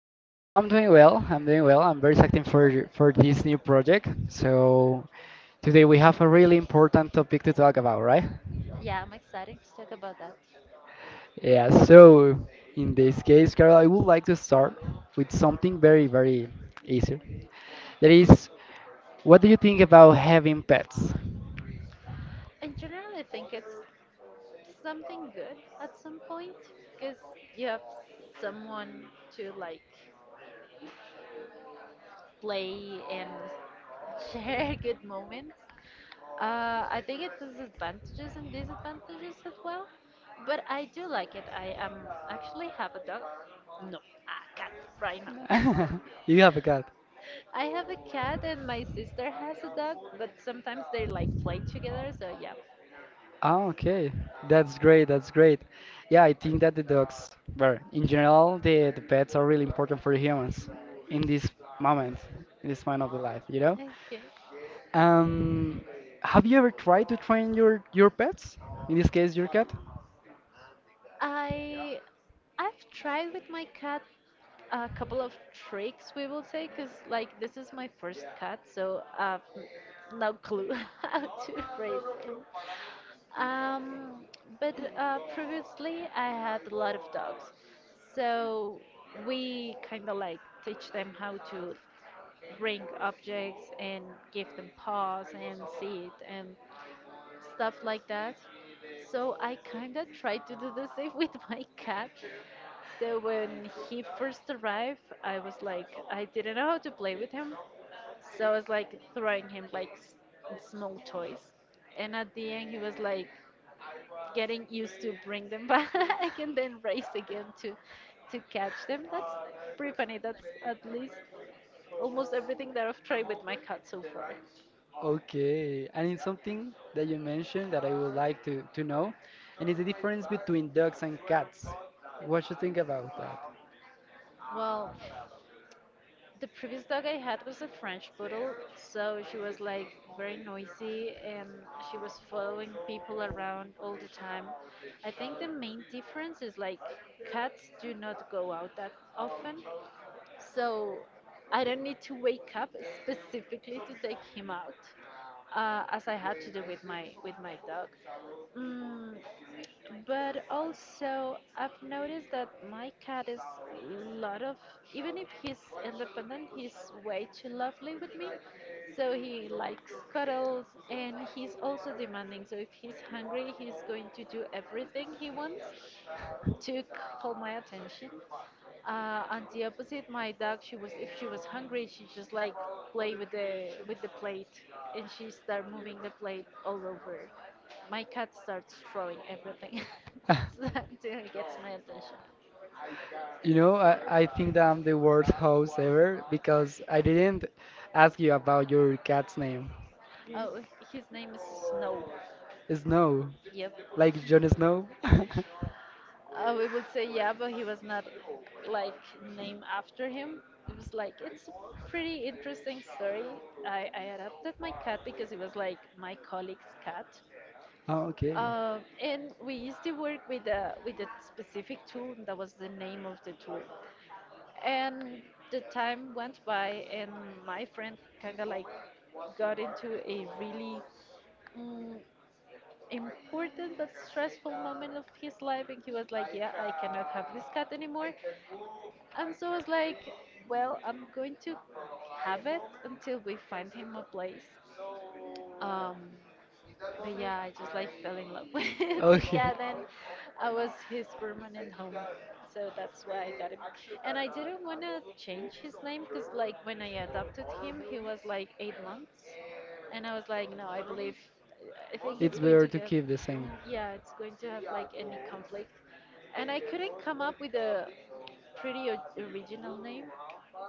I'm doing well. I'm doing well. I'm very excited for this new project. So today we have a really important topic to talk about, right? Yeah, I'm excited to talk about that. Yeah. So in this case, Carol, I would like to start with something very, very easy. That is, what do you think about having pets? In general, I think it's something good at some point because you have someone to like play and share good moments. I think it has advantages and disadvantages as well, but I do like it. I actually have a dog. No, a cat right now. You have a cat. I have a cat and my sister has a dog, but sometimes they like play together, so yeah. Oh, okay. That's great. That's great. Yeah, I think that the dogs, well, in general, the pets are really important for humans in this moment, in this moment of the life, you know? Okay. Um, have you ever tried to train your pets? In this case, your cat? I I've tried with my cat a couple of tricks, we will say, because like this is my first cat, so I've no clue how to raise it. Um, but previously I had a lot of dogs, so we kind of like teach them how to bring objects and give them paws and seat and stuff like that. So I kind of tried to do the same with my cat. So when he first arrived, I was like, I didn't know how to play with him. So I was like throwing him like small toys. And at the end, he was like getting used to bring them back and then race again to catch them. That's pretty funny. That's at least almost everything that I've tried with my cat so far. Okay, and it's something that you mentioned that I would like to know, and it's the difference between dogs and cats. What you think about Well, the previous dog I had was a French poodle, so she was like very noisy and she was following people around all the time. I think the main difference is like cats do not go out that often, so I don't need to wake up specifically to take him out, as I had to do with my dog. Mm, But also, I've noticed that my cat is a lot of, even if he's independent, he's way too lovely with me. So he likes cuddles and he's also demanding. So if he's hungry, he's going to do everything he wants to call my attention. On the opposite, my dog, she was if she was hungry, she just like play with the plate, and she start moving the plate all over. My cat starts throwing everything that? so that until he gets my attention. You know, I think that I'm the worst host ever because I didn't ask you about your cat's name. Oh, his name is Snow. Snow, Yep. like Jon Snow. We would say yeah, but he was not like named after him. It was like it's a pretty interesting story. I adopted my cat because it was like my colleague's cat. Oh, okay. And we used to work with a specific tool that was the name of the tool. And the time went by, and my friend kind of like got into a really mm, important but stressful moment of his life, and he was like, "Yeah, I cannot have this cat anymore." And so I was like, "Well, I'm going to have it until we find him a place." Um, But yeah, I just like fell in love with the Okay. cat and I was his permanent home. So that's why I got him. And I didn't want to change his name because, like, when I adopted him, he was like 8 months. And I was like, no, I believe, I think it's It's going to better to have, keep the same. yeah, it's going to have like any conflict. And I couldn't come up with a pretty original name.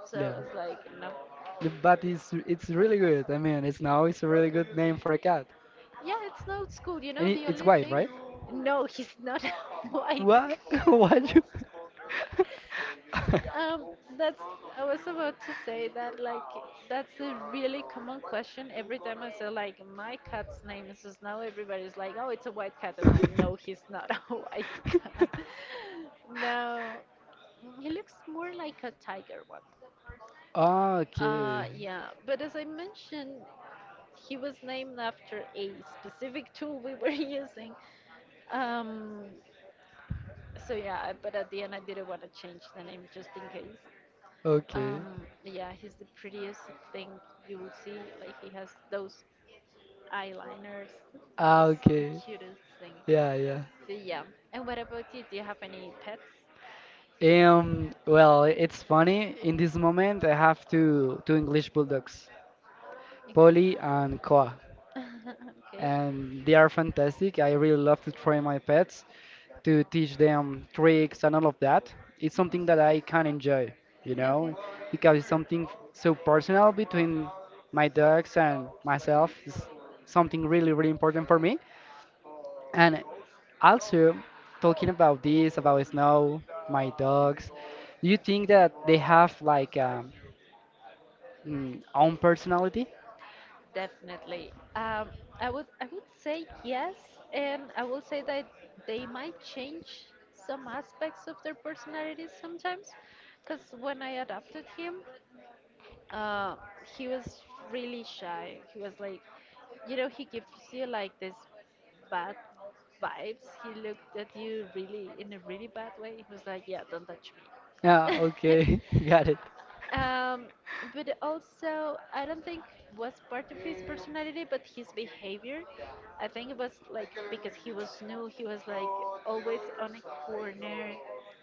So Yeah. I was like, no. But it's really good. I mean, it's now it's a really good name for a cat. Yeah, it's not school. You know, And the it's only white, thing. right? No, he's not a white What? cat. What you? Um, that's I was about to say that like that's a really common question. Every time I say like my cat's name is Snow, everybody's like, "Oh, it's a white cat," and I know he's not a white cat. No, he looks more like a tiger one. Okay. Yeah, but as I mentioned, he was named after a specific tool we were using. Um, so yeah, but at the end I didn't want to change the name just in case. Okay. Yeah, he's the prettiest thing you will see. Like he has those eyeliners, Ah, the okay. cutest thing. Yeah, yeah. So yeah. And what about you? Do you have any pets? Well, it's funny. In this moment, I have two English bulldogs, Okay. Polly and Koa, and they are fantastic. I really love to train my pets, to teach them tricks and all of that. It's something that I can enjoy, you know, Okay. because it's something so personal between my dogs and myself. It's something really, really important for me. And Okay. also, talking about this, about snow, my dogs, do you think that they have like own personality? Definitely. I would say yes, and I would say that they might change some aspects of their personalities sometimes, because when I adopted him, uh, he was really shy. He was like, he gives you like this bad vibes. He looked at you really in a really bad way. He was like, yeah, don't touch Yeah, me. okay, got it. Um, but also, I don't think was part of his personality, but his behavior. I think it was like because he was new, he was like always on a corner,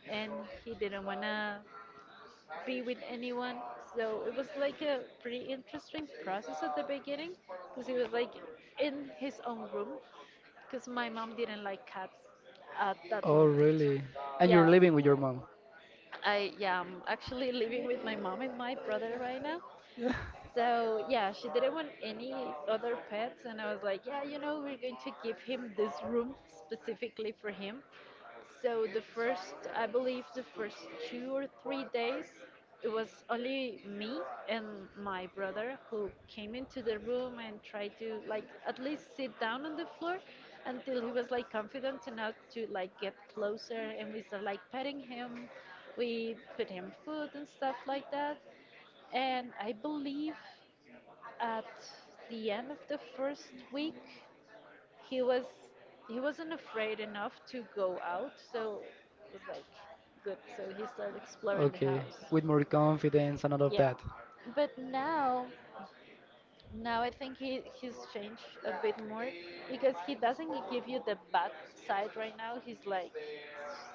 and he didn't wanna be with anyone. So it was like a pretty interesting process at the beginning, because he was like in his own room, because my mom didn't like cats at that Oh, moment. really? And you're Yeah, living with your mom? yeah, I'm actually living with my mom and my brother right now. So yeah, she didn't want any other pets, and I was like, yeah, we're going to give him this room specifically for him. So the first, I believe, the first 2 or 3 days, it was only me and my brother who came into the room and tried to like at least sit down on the floor until he was like confident enough to like get closer, and we started like petting him. We put him food and stuff like that. And I believe at the end of the first week, he was he wasn't afraid enough to go out, so it was like good. So he started exploring the Okay, house. with more confidence and all of Yeah, that. but now I think he's changed a bit more because he doesn't give you the bad side right now. He's like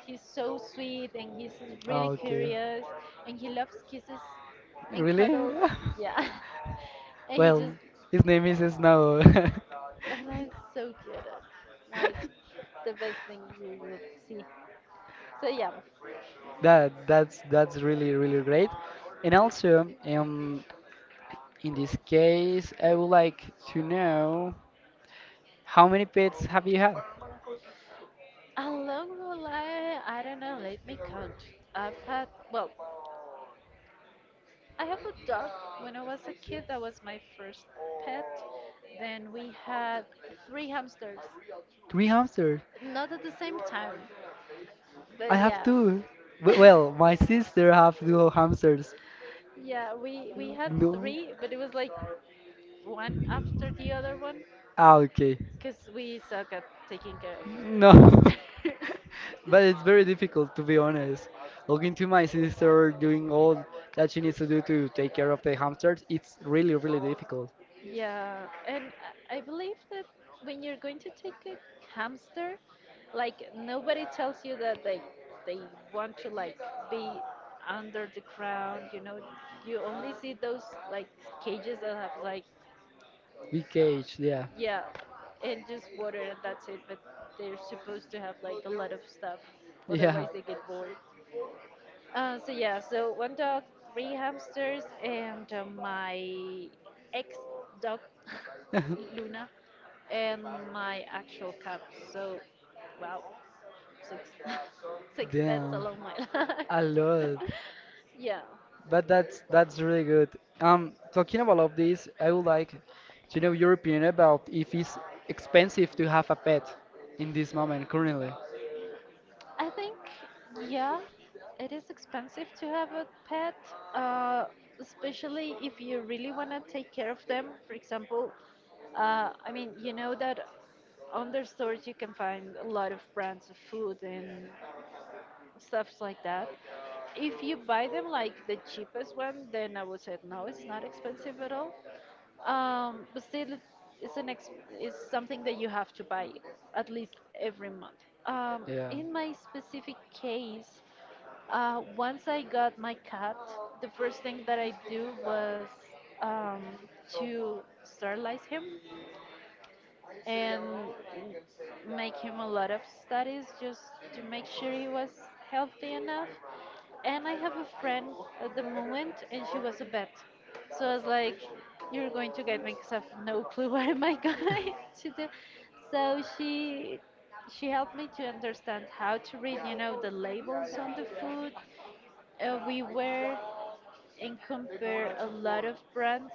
he's so sweet and he's really Oh, okay. curious and he loves kisses and Really? cuddles. Yeah. And he Well, just his name is Snow. and that's so cute. Now it's the best thing you will see. So yeah. That that's really really great. And also, in this case, I would like to know how many pets have you had? Along the line, I don't know, let me count. I've had well I have a dog. When I was a kid, that was my first pet. Then we had three hamsters. Three hamsters. Not at the same time, I but have yeah. two. Well, my sister have two hamsters. Yeah, we had No. three, but it was like one after the other one Ah, okay. because we suck at taking care of No, hamsters. but it's very difficult to be honest. Looking to my sister doing all that she needs to do to take care of the hamsters, it's really, really difficult. Yeah, and I believe that when you're going to take a hamster, like nobody tells you that they want to like be under the ground, you know. You only see those like cages that have like Big cage, yeah, yeah, and just water and that's it, but they're supposed to have like a lot of stuff. yeah. Otherwise they get bored. So yeah, so one dog, three hamsters, and my ex dog Luna, and my actual cat. So wow, six six pets Damn, along my life. a lot. Yeah. But that's really good. Talking about all of this, I would like to know your opinion about if it's expensive to have a pet in this moment currently. I think, yeah, it is expensive to have a pet, uh, especially if you really want to take care of them. For example, I mean, you know that on their stores you can find a lot of brands of food and stuffs like that. If you buy them like the cheapest one, then I would say no, it's not expensive at all. But still, it's it's something that you have to buy at least every month. Yeah. In my specific case, once I got my cat, the first thing that I do was um, to sterilize him, and make him a lot of studies just to make sure he was healthy enough. And I have a friend at the moment, and she was a vet. So I was like, "You're going to get me because I have no clue what am I going to do." So she helped me to understand how to read, the labels on the food. We were and compare a lot of brands.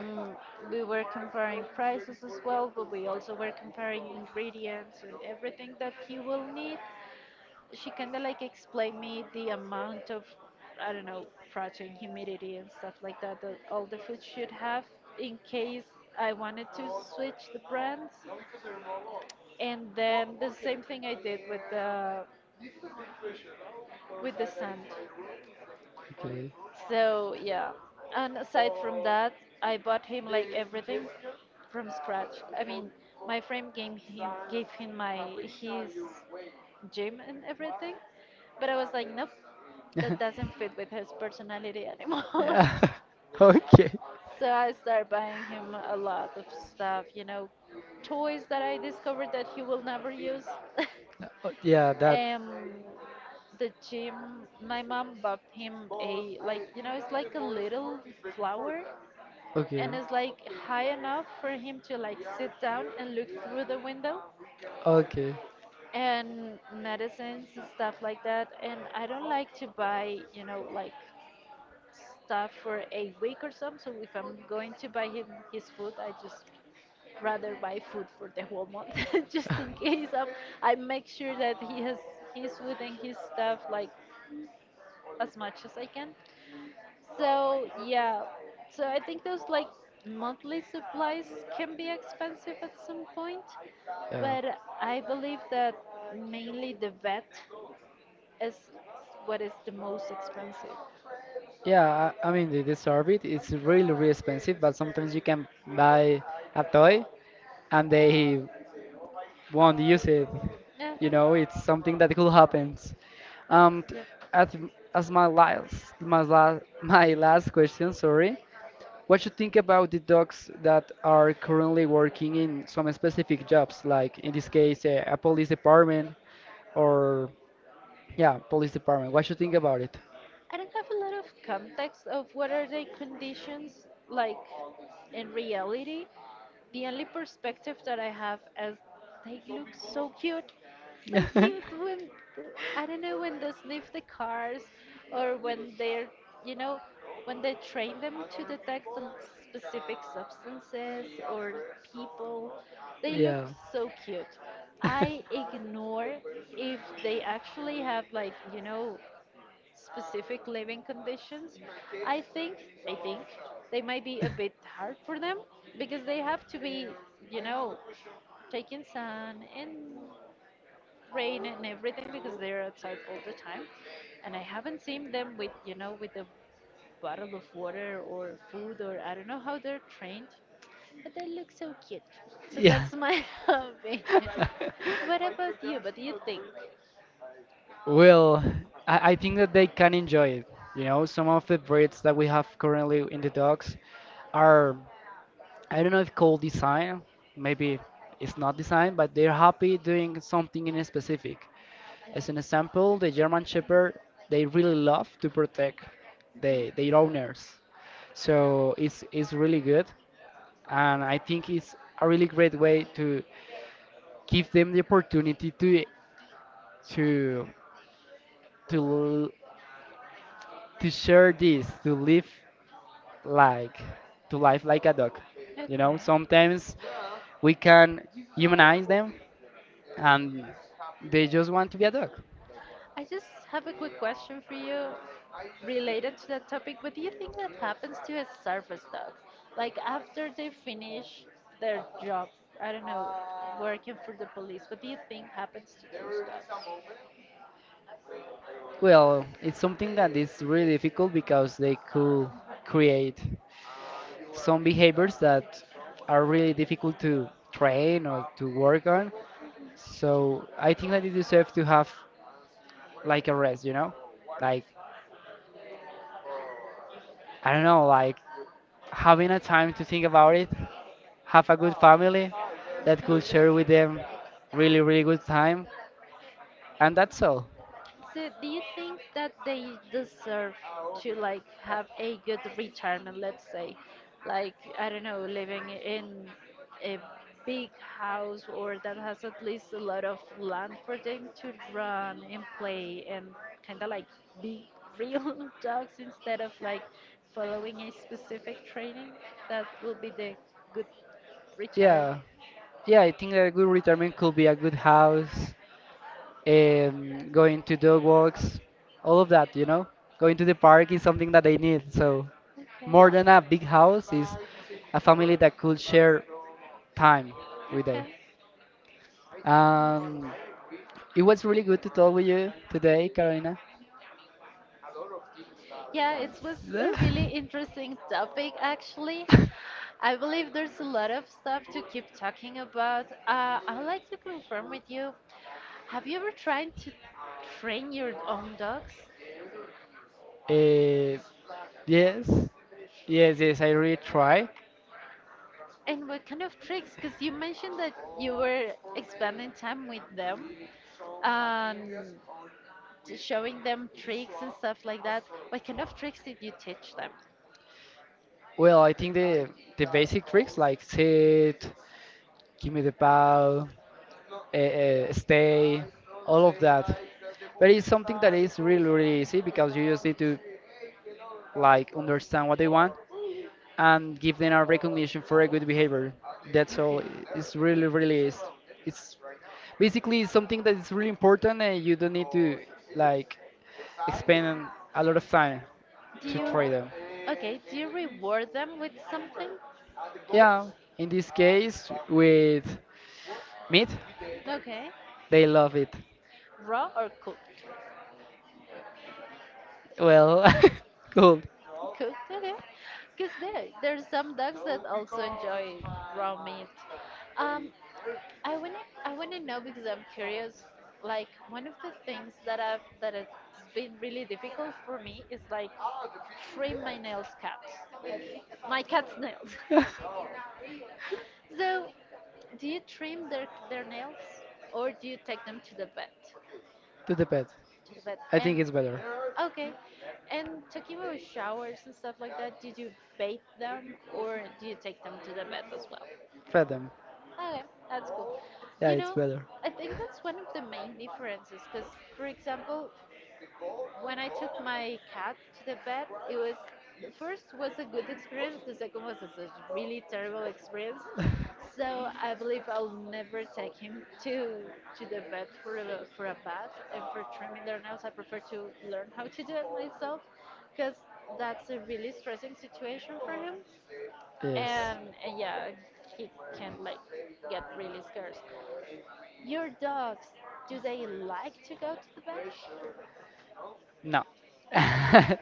Mm, we were comparing prices as well, but we also were comparing ingredients and everything that he will need. She kind of like explained me the amount of, I don't know, protein, humidity, and stuff like that that all the food should have in case I wanted to switch the brands. And then the same thing I did with the sand. Okay. So yeah, and aside from that, I bought him like everything from scratch. I mean, my friend gave him my his gym and everything, but I was like, nope, that doesn't fit with his personality anymore. Yeah. Okay. So I started buying him a lot of stuff, toys that I discovered that he will never use. Yeah, that. Um, the gym, my mom bought him a like it's like a little flower, Okay. and it's like high enough for him to like sit down and look through the window Okay. and medicines and stuff like that. And I don't like to buy stuff for a week or some. So if I'm going to buy him his food, I just rather buy food for the whole month just in case of I make sure that he has his food and his stuff like as much as I can. So yeah, so I think those like monthly supplies can be expensive at some point, Yeah. but I believe that mainly the vet is what is the most expensive. Yeah, I mean, the sorbet is really, really expensive, but sometimes you can buy a toy and they won't Uh-huh. use it. You know, it's something that could happen. Um, t- Yep. at, as my last, my last question, Western sorry. What clubs you were think about the doing dogs that some are currently working in some specific jobs jobs, like in this like case, a police Sunday department or shopping yeah, police department. What clubs. you think about it? I don't have a lot of context of what are the conditions like in reality. The only perspective that I have is they look so cute when the, I don't know when they sniff the cars or when they're you know when they train them to detect on specific substances or people. They look Yeah. so cute. I ignore if they actually have specific living conditions. I think I think they might be a bit hard for them because they have to be, you know, taking sun and rain and everything because they're outside all the time. And I haven't seen them with a bottle of water or food, or I don't know how they're trained, but they look so cute. So Yeah. that's my opinion. What about you? What do you think? Well, I think that they can enjoy it. You know, some of the breeds that we have currently in Okay. the dogs Yeah. are, I don't know if called design, maybe it's not design, but they're happy doing something in a specific. As an example, the German Shepherd, they really love to protect their owners. So it's really good, and I think it's a really great way to give them the opportunity to to l- to share this to live like to life like a dog. You know, sometimes we can This is humanize honorable and them, he and is they happy. just want to be a dog. I just have a quick question for you related to that topic. What do you think that happens to a service dog? Like after they finish their job, I don't know, working for the police, what do you think happens to those Well, it's something that is really difficult because they could create some behaviors that are really difficult to train or to work on. So I think that they deserve dogs? to have like a rest, you know? Or Like, Warriors, or I don't know, like having a trying time to to think about it, think, have a have a good no, good family balance. that could No, it share with them Yeah, really, really good time, and that's all. so do you think that they deserve to like have a good retirement, let's say? Like, I don't know, living in a big house, or that has at least a lot of land for them to run and play and kind of like be real dogs instead of like following a specific training? That will be the good retirement. Yeah, yeah, I think that a good retirement could be a good house, going to dog walks, all of that, you know? Going to the park is something that they need, so Okay. more than a big house is a Like like family that could share time with them. Okay. Um, Nice. it was really good to talk with Really. you today, Carolina. Yeah, it was a really interesting topic actually. I believe there's a lot of stuff to keep talking about. I'd like to confirm with you. Have you ever tried to train your own dogs? Eh, yes, yes, I really Yeah. try. And what kind of tricks? Because you mentioned that you were spending time with them and showing them tricks and stuff like that. What kind of tricks did you teach them? Well, I think the basic tricks like sit, give me the ball, stay, all of that. But it's something that is really really easy because you just need to like understand what they want and give them a recognition for a good behavior. That's all. Okay. It's really really is. It's Right. basically something that is really important, and you don't need to like spend a lot of time Do to you try them. okay, do you reward them with something? Yeah, in this case uh, with meat, Okay. they love it. Raw or cooked? Well, cool. No, cooked, okay. Because there's some dogs no that also enjoy raw meat. Um, I wanna I wanna know because I'm curious. Like one of the things that has been really difficult for me is like trim my nails cut. My cat's nails. Yeah. So do you trim their nails, or do you take them to the vet? To the pet. To the vet, I think and it's better. okay. And talking about showers and stuff like that, did you bathe them, or do you take them to the vet as well? Feed them. Okay, that's cool. Yeah, You it's know, better. I think that's one of the main differences because, for example, when I took my cat to the vet, it was the first was a good experience, the second was a really terrible experience. So I believe I'll never take him to the vet for a bath and for trimming their nails. I prefer to learn how to do it myself because that's a really stressing situation for him, Yes. and, and yeah, he can like get really scared. Your dogs, do they like to go to the vet? No.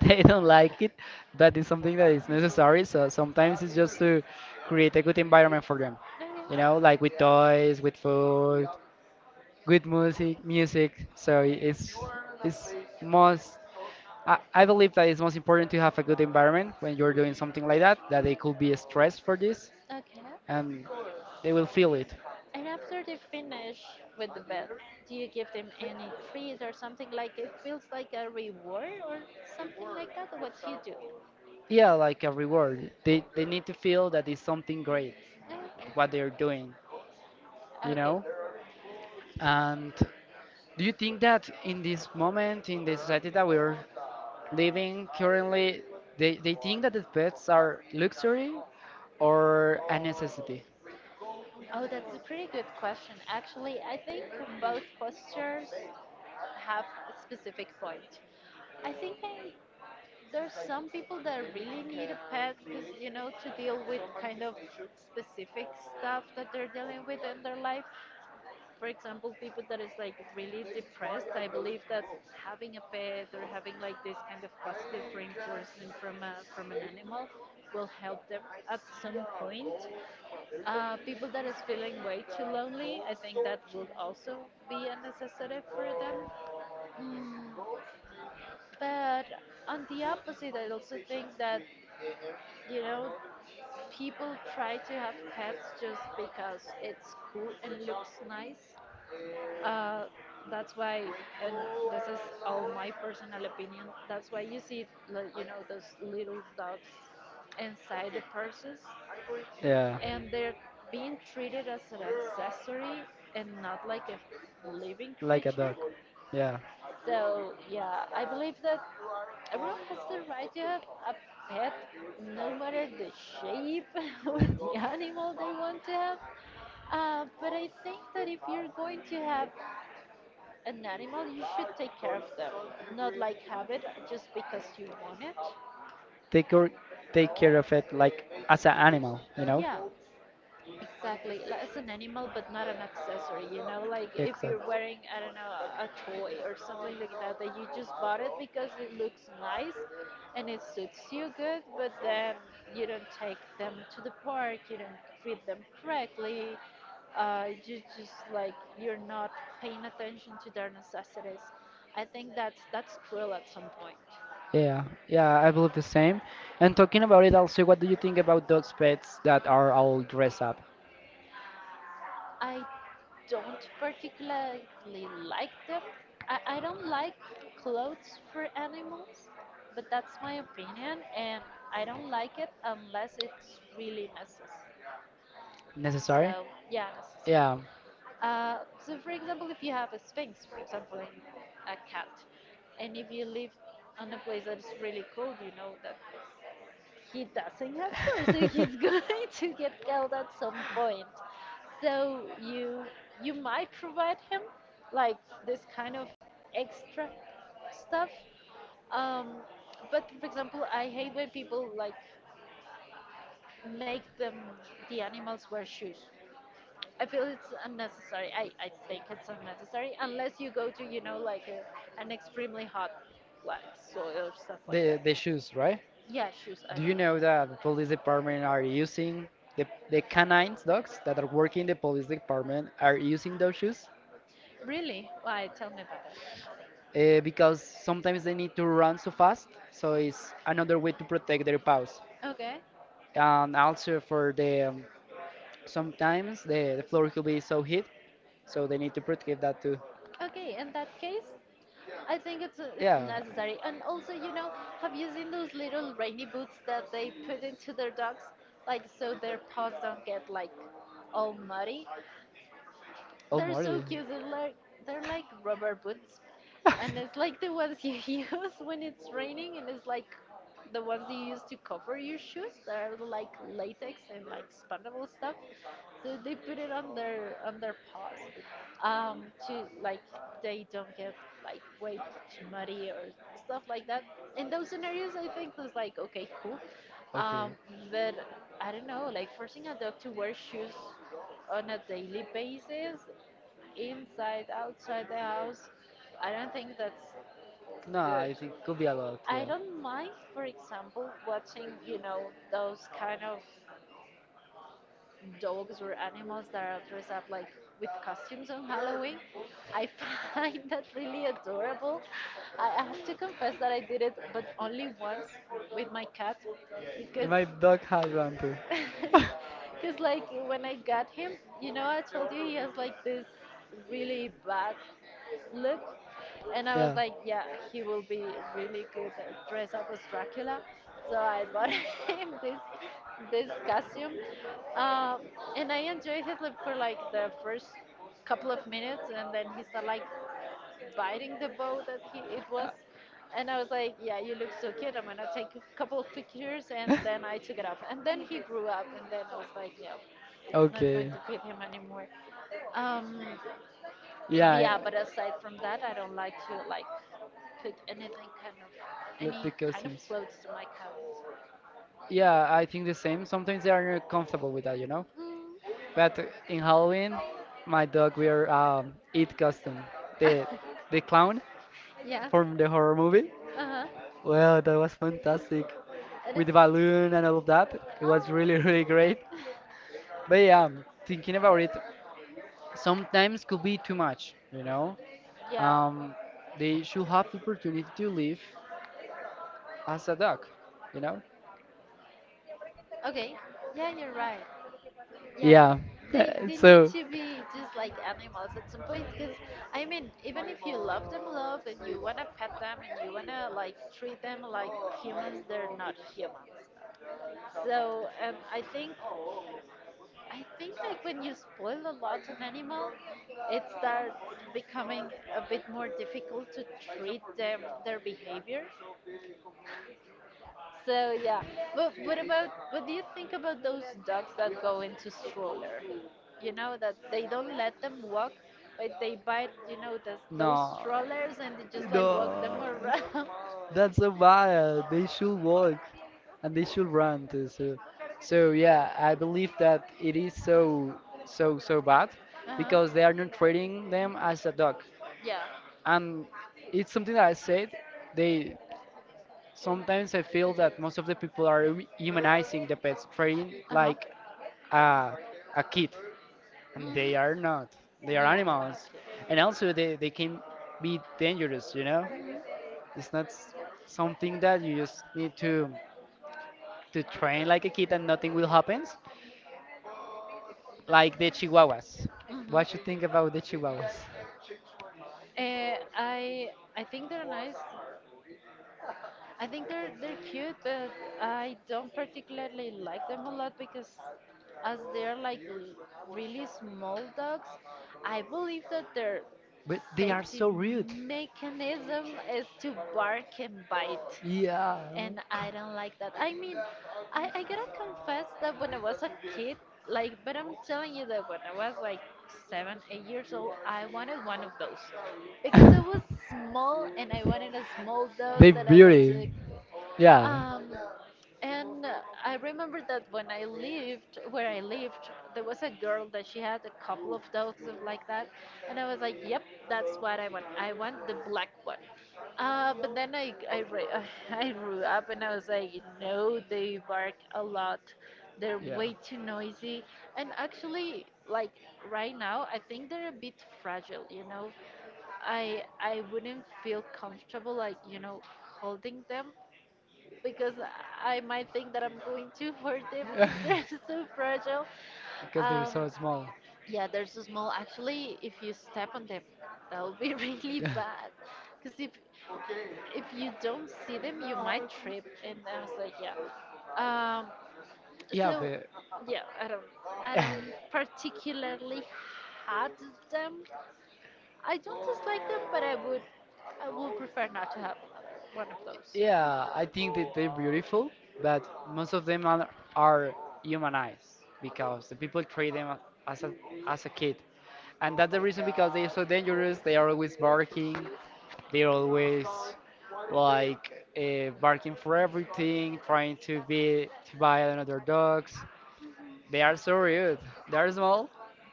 They don't like it, but it's something that is necessary. So sometimes it's just to create a good environment for them. You know, like with toys, with food, good music. So it's Okay. most I believe that it's most Important important to to have have a people good empowerment. environment I'm when you're very doing excited something for like that. that, I'm that going they to do could that. I mean, there be is a right stressed for for this, this. Okay. I and will they will feel. feel it. And after they finish with the bed, do you give them any trees or something like it feels like a reward or something like that? What do you do? Yeah, Yeah, like a reward. they, they They need need to to feel feel that that it's something great, there's something like Okay. What what they're they're doing. doing, you Okay. know? They And do you think that in this moment, in the society that we're think giving, living currently, they think they think that it's the not, pets it's art, are it's luxury art. or a necessity? Oh, that's a pretty good question. Actually, I think both postures have a specific point. I think I, there's some people that really need a pet because, to deal with kind of specific stuff that they're dealing with in their life. For example, people that is like really depressed, I believe that having a pet or having like this kind of positive reinforcement from an animal will help them at some point. People that is feeling way too lonely, I think that will also be a necessity for them. Mm, but on the opposite, I also think that, you know, people try to have pets just because it's cool and looks nice. Uh, that's why, and this is all my personal opinion, that's why you see, those little dogs inside the purses. Yeah, And they're being treated as an accessory and not like a living like a creature. dog. Yeah. So yeah, I believe that everyone has the right to have a pet, no matter the shape or the animal they want to have. But I think that if you're going to have an animal, you should take care of them, not like have it just because you want it. Take or take care of it like as an animal, you So, know? yeah. Exactly. Like, it's an animal, but not an accessory. You know, like if you're Exactly. wearing, I don't know, a toy or something like that, that you just bought it because it looks nice and it suits you good, but then you don't take them to the park, you don't feed them correctly. You just like you're not paying attention to their necessities. I think that's cruel at some point. Yeah, yeah, I believe the same. And talking about it also, what do you think about those pets that are all dressed up? I don't particularly like them. I don't like clothes for animals, but that's my opinion, and I don't like it unless it's really necessary. Necessary? So, yeah, necessary. Yeah. So, for example, if you have a sphinx, for example, and a cat, and if you live on a place that is really cold, you know that he doesn't have four, so he's going to get killed at some point. So you might provide him like this kind of extra stuff. Um, but for example, I hate when people like make them the animals wear shoes. I feel it's unnecessary. I think it's unnecessary unless you go to, you know, like an extremely hot like soil or stuff like that. The the shoes, shoes, right? right? Yeah, shoes, I Do you do not like. Know know that that the police department are using the canines dogs that are working in the police department are using those shoes? Really? Why? Tell me about it. Because Uh, sometimes they need to so run so fast, so it's so another way to protect their paws. Okay. And also for the sometimes the floor could be so hit, so they need to protect that too. Okay, in that case, I think it's Yeah. necessary. And also, you know, have you seen those little rainy boots that they put into their dogs? Like, so their paws don't get, like, all muddy? They're Almighty. so cute. They're like rubber boots, and it's like the ones you use when it's raining, and it's like the ones you use to cover your shoes. They're like latex and like expandable stuff. So they put it on their paws, to like they don't get like way too muddy or stuff like that. In those scenarios, I think was like okay, cool. Um, Okay. but I don't know, like forcing a dog to wear shoes on a daily basis, inside, outside the house, I don't think that's No, good. I think could be a lot. I Yeah, don't mind, for example, watching, you know, those kind of dogs or animals that are dressed up like with costumes on Halloween. I find that really adorable. I have to confess that I did it, but only once with my cat and because my dog has one too. Because, like, when I got him, you know, I told you he has like this really bad look. And I was Yeah. like, yeah, he will be really good at dress up as Dracula. So I bought him this costume. Um, and I enjoyed it like, for like the first couple of minutes, and then he started like biting the bow that he it Uh, was and I was like, yeah, you look so cute, I'm gonna take a couple of pictures, and then I took it off, and then he grew up, and then I was like, yeah, it's not going okay. to fit him anymore. um Yeah, yeah, but aside from that, I don't like to like put anything kind of let any the kind of costumes. clothes to my cats. Yeah, Yeah, I think the the same. same. Sometimes Sometimes they I are not remove my comfortable with that, you know? Mm. But in Halloween my dog wear it costume, the the clown Yeah. from the horror movie. Uh-huh. Well, that was fantastic It is. with the balloon and all Oh. of that. It was really, really great. But yeah, thinking about it, sometimes could be too much, you know? Yeah. Um, they should have the opportunity to live as a dog, you know? Okay. Yeah, you're right. Yeah, Yeah. they need So, to be just like animals at some point because I mean, even if you love them, love and you wanna pet them and you wanna like treat them like humans, they're not humans. So I think like when you spoil a lot an animal, it starts becoming a bit more difficult to treat them their behavior. So yeah, but what do you think about those dogs that go into stroller? You know that they don't let them walk, but they bite. You know those no, strollers and they just like walk them no. around. That's so bad. They should walk, and they should run too. So, so yeah, I believe that it is so, so, so bad because they are uh-huh. not treating them as a dog. Yeah. And it's something that I said. They sometimes I feel that most of the people are humanizing the pets, treating Uh huh. like a, a kid, and Mhm. they are not. They are Yeah, they're not animals, cute. And and also they can be dangerous. You know, it's not something that you just need to train like Like, a kid and nothing like will happen, like the like Chihuahuas. What you Mhm. think about the Chihuahuas? I think they're nice. I think they're cute, but I don't particularly like them a lot because as they're really small dogs, I believe that their But they are safety so rude. mechanism is to bark and bite. Yeah. And I don't like that. I mean, I gotta confess that when I was a kid, like, but I'm telling you that when I was like seven, 8 years old, I wanted one of those because I was small and I wanted a small dog They that I was beauty. like, Yeah. um, and I remember that when I lived where I lived, there was a girl that she had a couple of dogs of like that, and I was like, "Yep, that's what I want. I want the black one." But then I grew up and I was like, "No, they bark a lot. They're Yeah. way too noisy." And actually, like right now, I think they're a bit fragile. I wouldn't feel comfortable like holding them because I might think that I'm going too for them because they're so fragile. Because they're Um, so small. yeah, they're so small. Actually, if you step on them, that will be really bad. Because if you don't see them, you might trip. And I was like, yeah. Um, Yeah, so but yeah, I don't particularly hate them. I don't dislike them, but I would prefer not to have another one of those. yeah, I think that they're beautiful, but most of them are humanized because the people treat them as a as a kid, and that's the reason because they're so dangerous. They are always barking. They're always like barking for everything, trying to be to buy another dogs. They are so rude. They are small.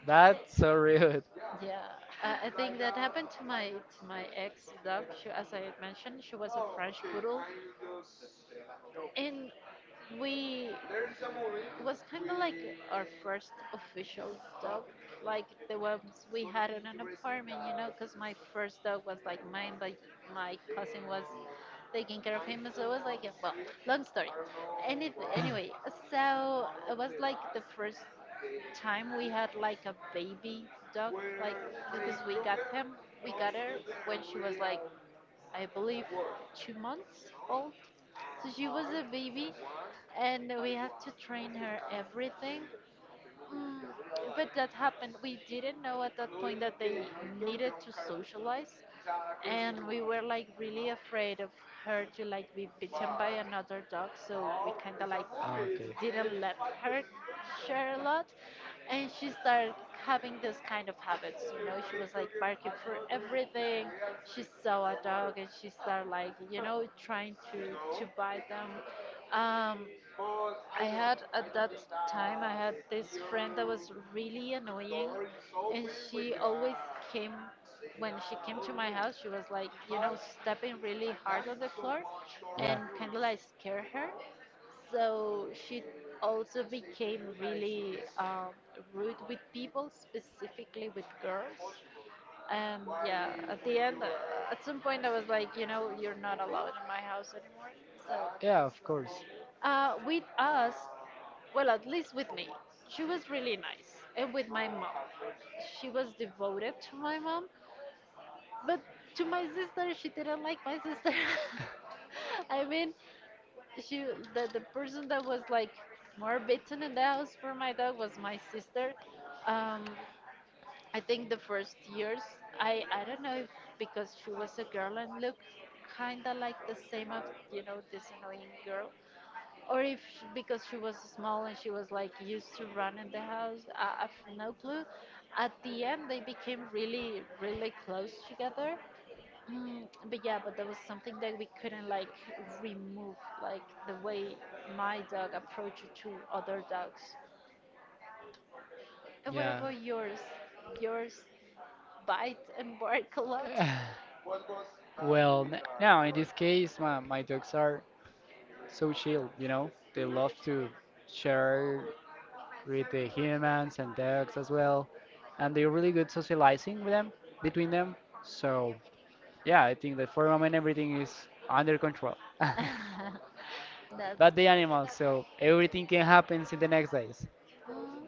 That's so rude. Yeah, I think that happened to my ex dog. She, as I mentioned, she was a French poodle, and we it was kind of like our first official dog, like the ones we had in an apartment, you know, because my first dog was like mine, but my cousin was taking care of him, so it was like, well, long story. Anyway, so it was like the first time we had like a baby dog, like because we got her when she was like, I believe, 2 months old. So she was a baby, and we had to train her everything. But that happened. We didn't know at that point that they needed to socialize, and we were like really afraid of her to like be bitten by another dog, so we kind of like Ah, okay. didn't let her share a lot. And she started having this kind of habits, you know. She was like barking for everything. She saw a dog and she started like, you know, trying to bite them. Um, I had at that I had this friend that was really annoying and she always came when she came to my house she was like, you know, stepping really hard on the floor and Yeah. kind of like scare her, so she also became really rude with people, specifically with girls. And yeah, at the end, at some point I was like, you know, you're not allowed in my house anymore. so Yeah, of course. uh, with us, well, at least with me. She was really nice. And with my mom. She was devoted to my mom. But to my sister, she didn't like my sister. I mean, she the person that was like more bitten in the house for my dog was my sister. Um, I think the first years, I don't know if because she was a girl and looked kind of like the same of, you know, this annoying girl, or if because she was small and she was like used to run in the house. I have no clue. At the end they became really, really close together. But yeah, but there was something that we couldn't like remove, like the way my dog approached to other dogs. And what Yeah. about yours? yours Bite and bark a lot. Well, now in this case, my dogs are so chill, you know? They love to share with the humans and dogs as well, and they're really good socializing with them between them. So yeah, I think that for the moment everything is under control. That's But the good. animals, so everything can happen in the next days. Mm,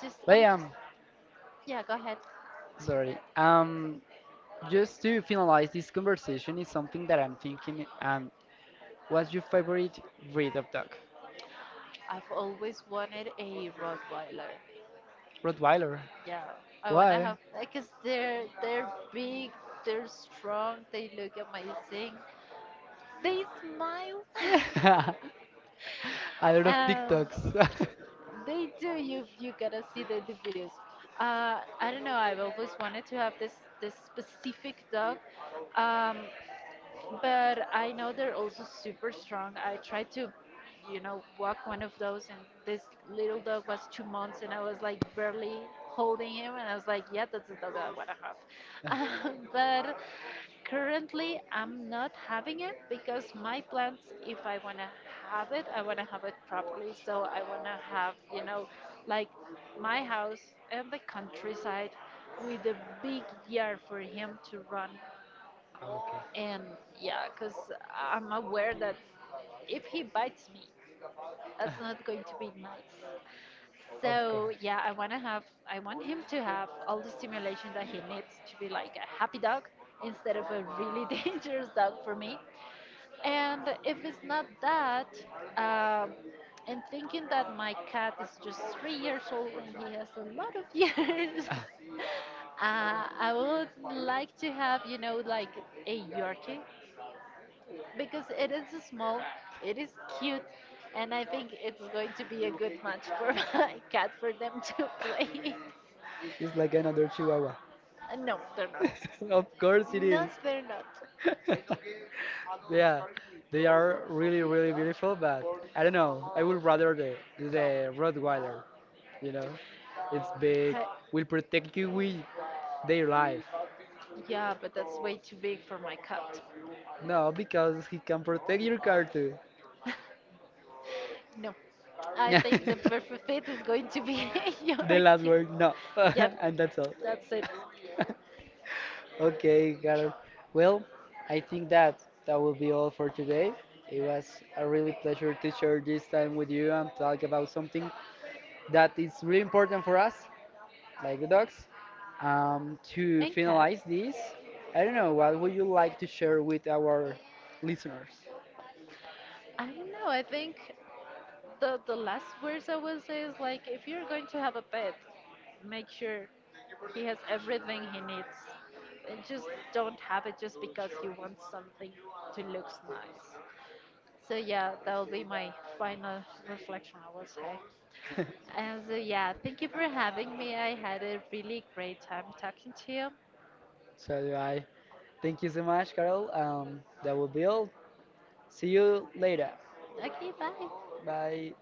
just, But I'm just, yeah, yeah, go ahead. sorry. Just to finalize this I conversation is have something that I'm thinking. What's your favorite breed of dog? I've always wanted a Rottweiler. Rottweiler. Yeah, I wanna Why? have like, cause they're big, they're strong, they look amazing, they smile, Yeah, a lot of and TikToks. they do. You gotta see the videos. I don't know. I've always wanted to have this specific dog. Um, but I know they're also super strong. I tried to, you know, walk one of those, and this little dog was 2 months, and I was like barely holding him, and I was like, yeah, that's the dog that I want to have. But currently, I'm not having it because my plans, if I want to have it, I want to have it properly. So I want to have, you know, like my house and the countryside with a big yard for him to run. Okay. And yeah, because I'm aware that if he bites me, that's not going to be nice. Of So course. yeah, I want him to have all the stimulation that he needs to be like a happy dog instead of a really dangerous dog for me. And if it's not that, um, and thinking that my cat is just 3 years old and he has a lot of years, I would like to have, you know, like a Yorkie because it is small, it is cute, and I think it's going to be a good match for my cat for them to play. It's like another Chihuahua. No, they're not. Of course it No, is. they're not. Yeah, they are really, really beautiful, but I don't know. I would rather the Rottweiler, you know. It's big, Heh, will protect you with their life. yeah, but that's way too big for my cat. No, because he can protect your car too. No, I think the perfect fit is going to be your The last kid. word, no. Yep, And that's all. that's it. Okay, Carol. Well, I think that that will be all for today. It was a really pleasure to share this time with you and talk about something that is really important for us, like the dogs. To And cats. finalize this, I don't know, what would you like to share with our listeners? I don't know. I think the last words I would say is like, if you're going to have a pet, make sure he has everything he needs. And just don't have it just because you want something to look nice. So yeah, that will be my final reflection, I will say. And so yeah, thank you for having me. I had a really great time talking to you. So I thank you so much, Carol. That will be all. See you later. Okay, bye. Bye.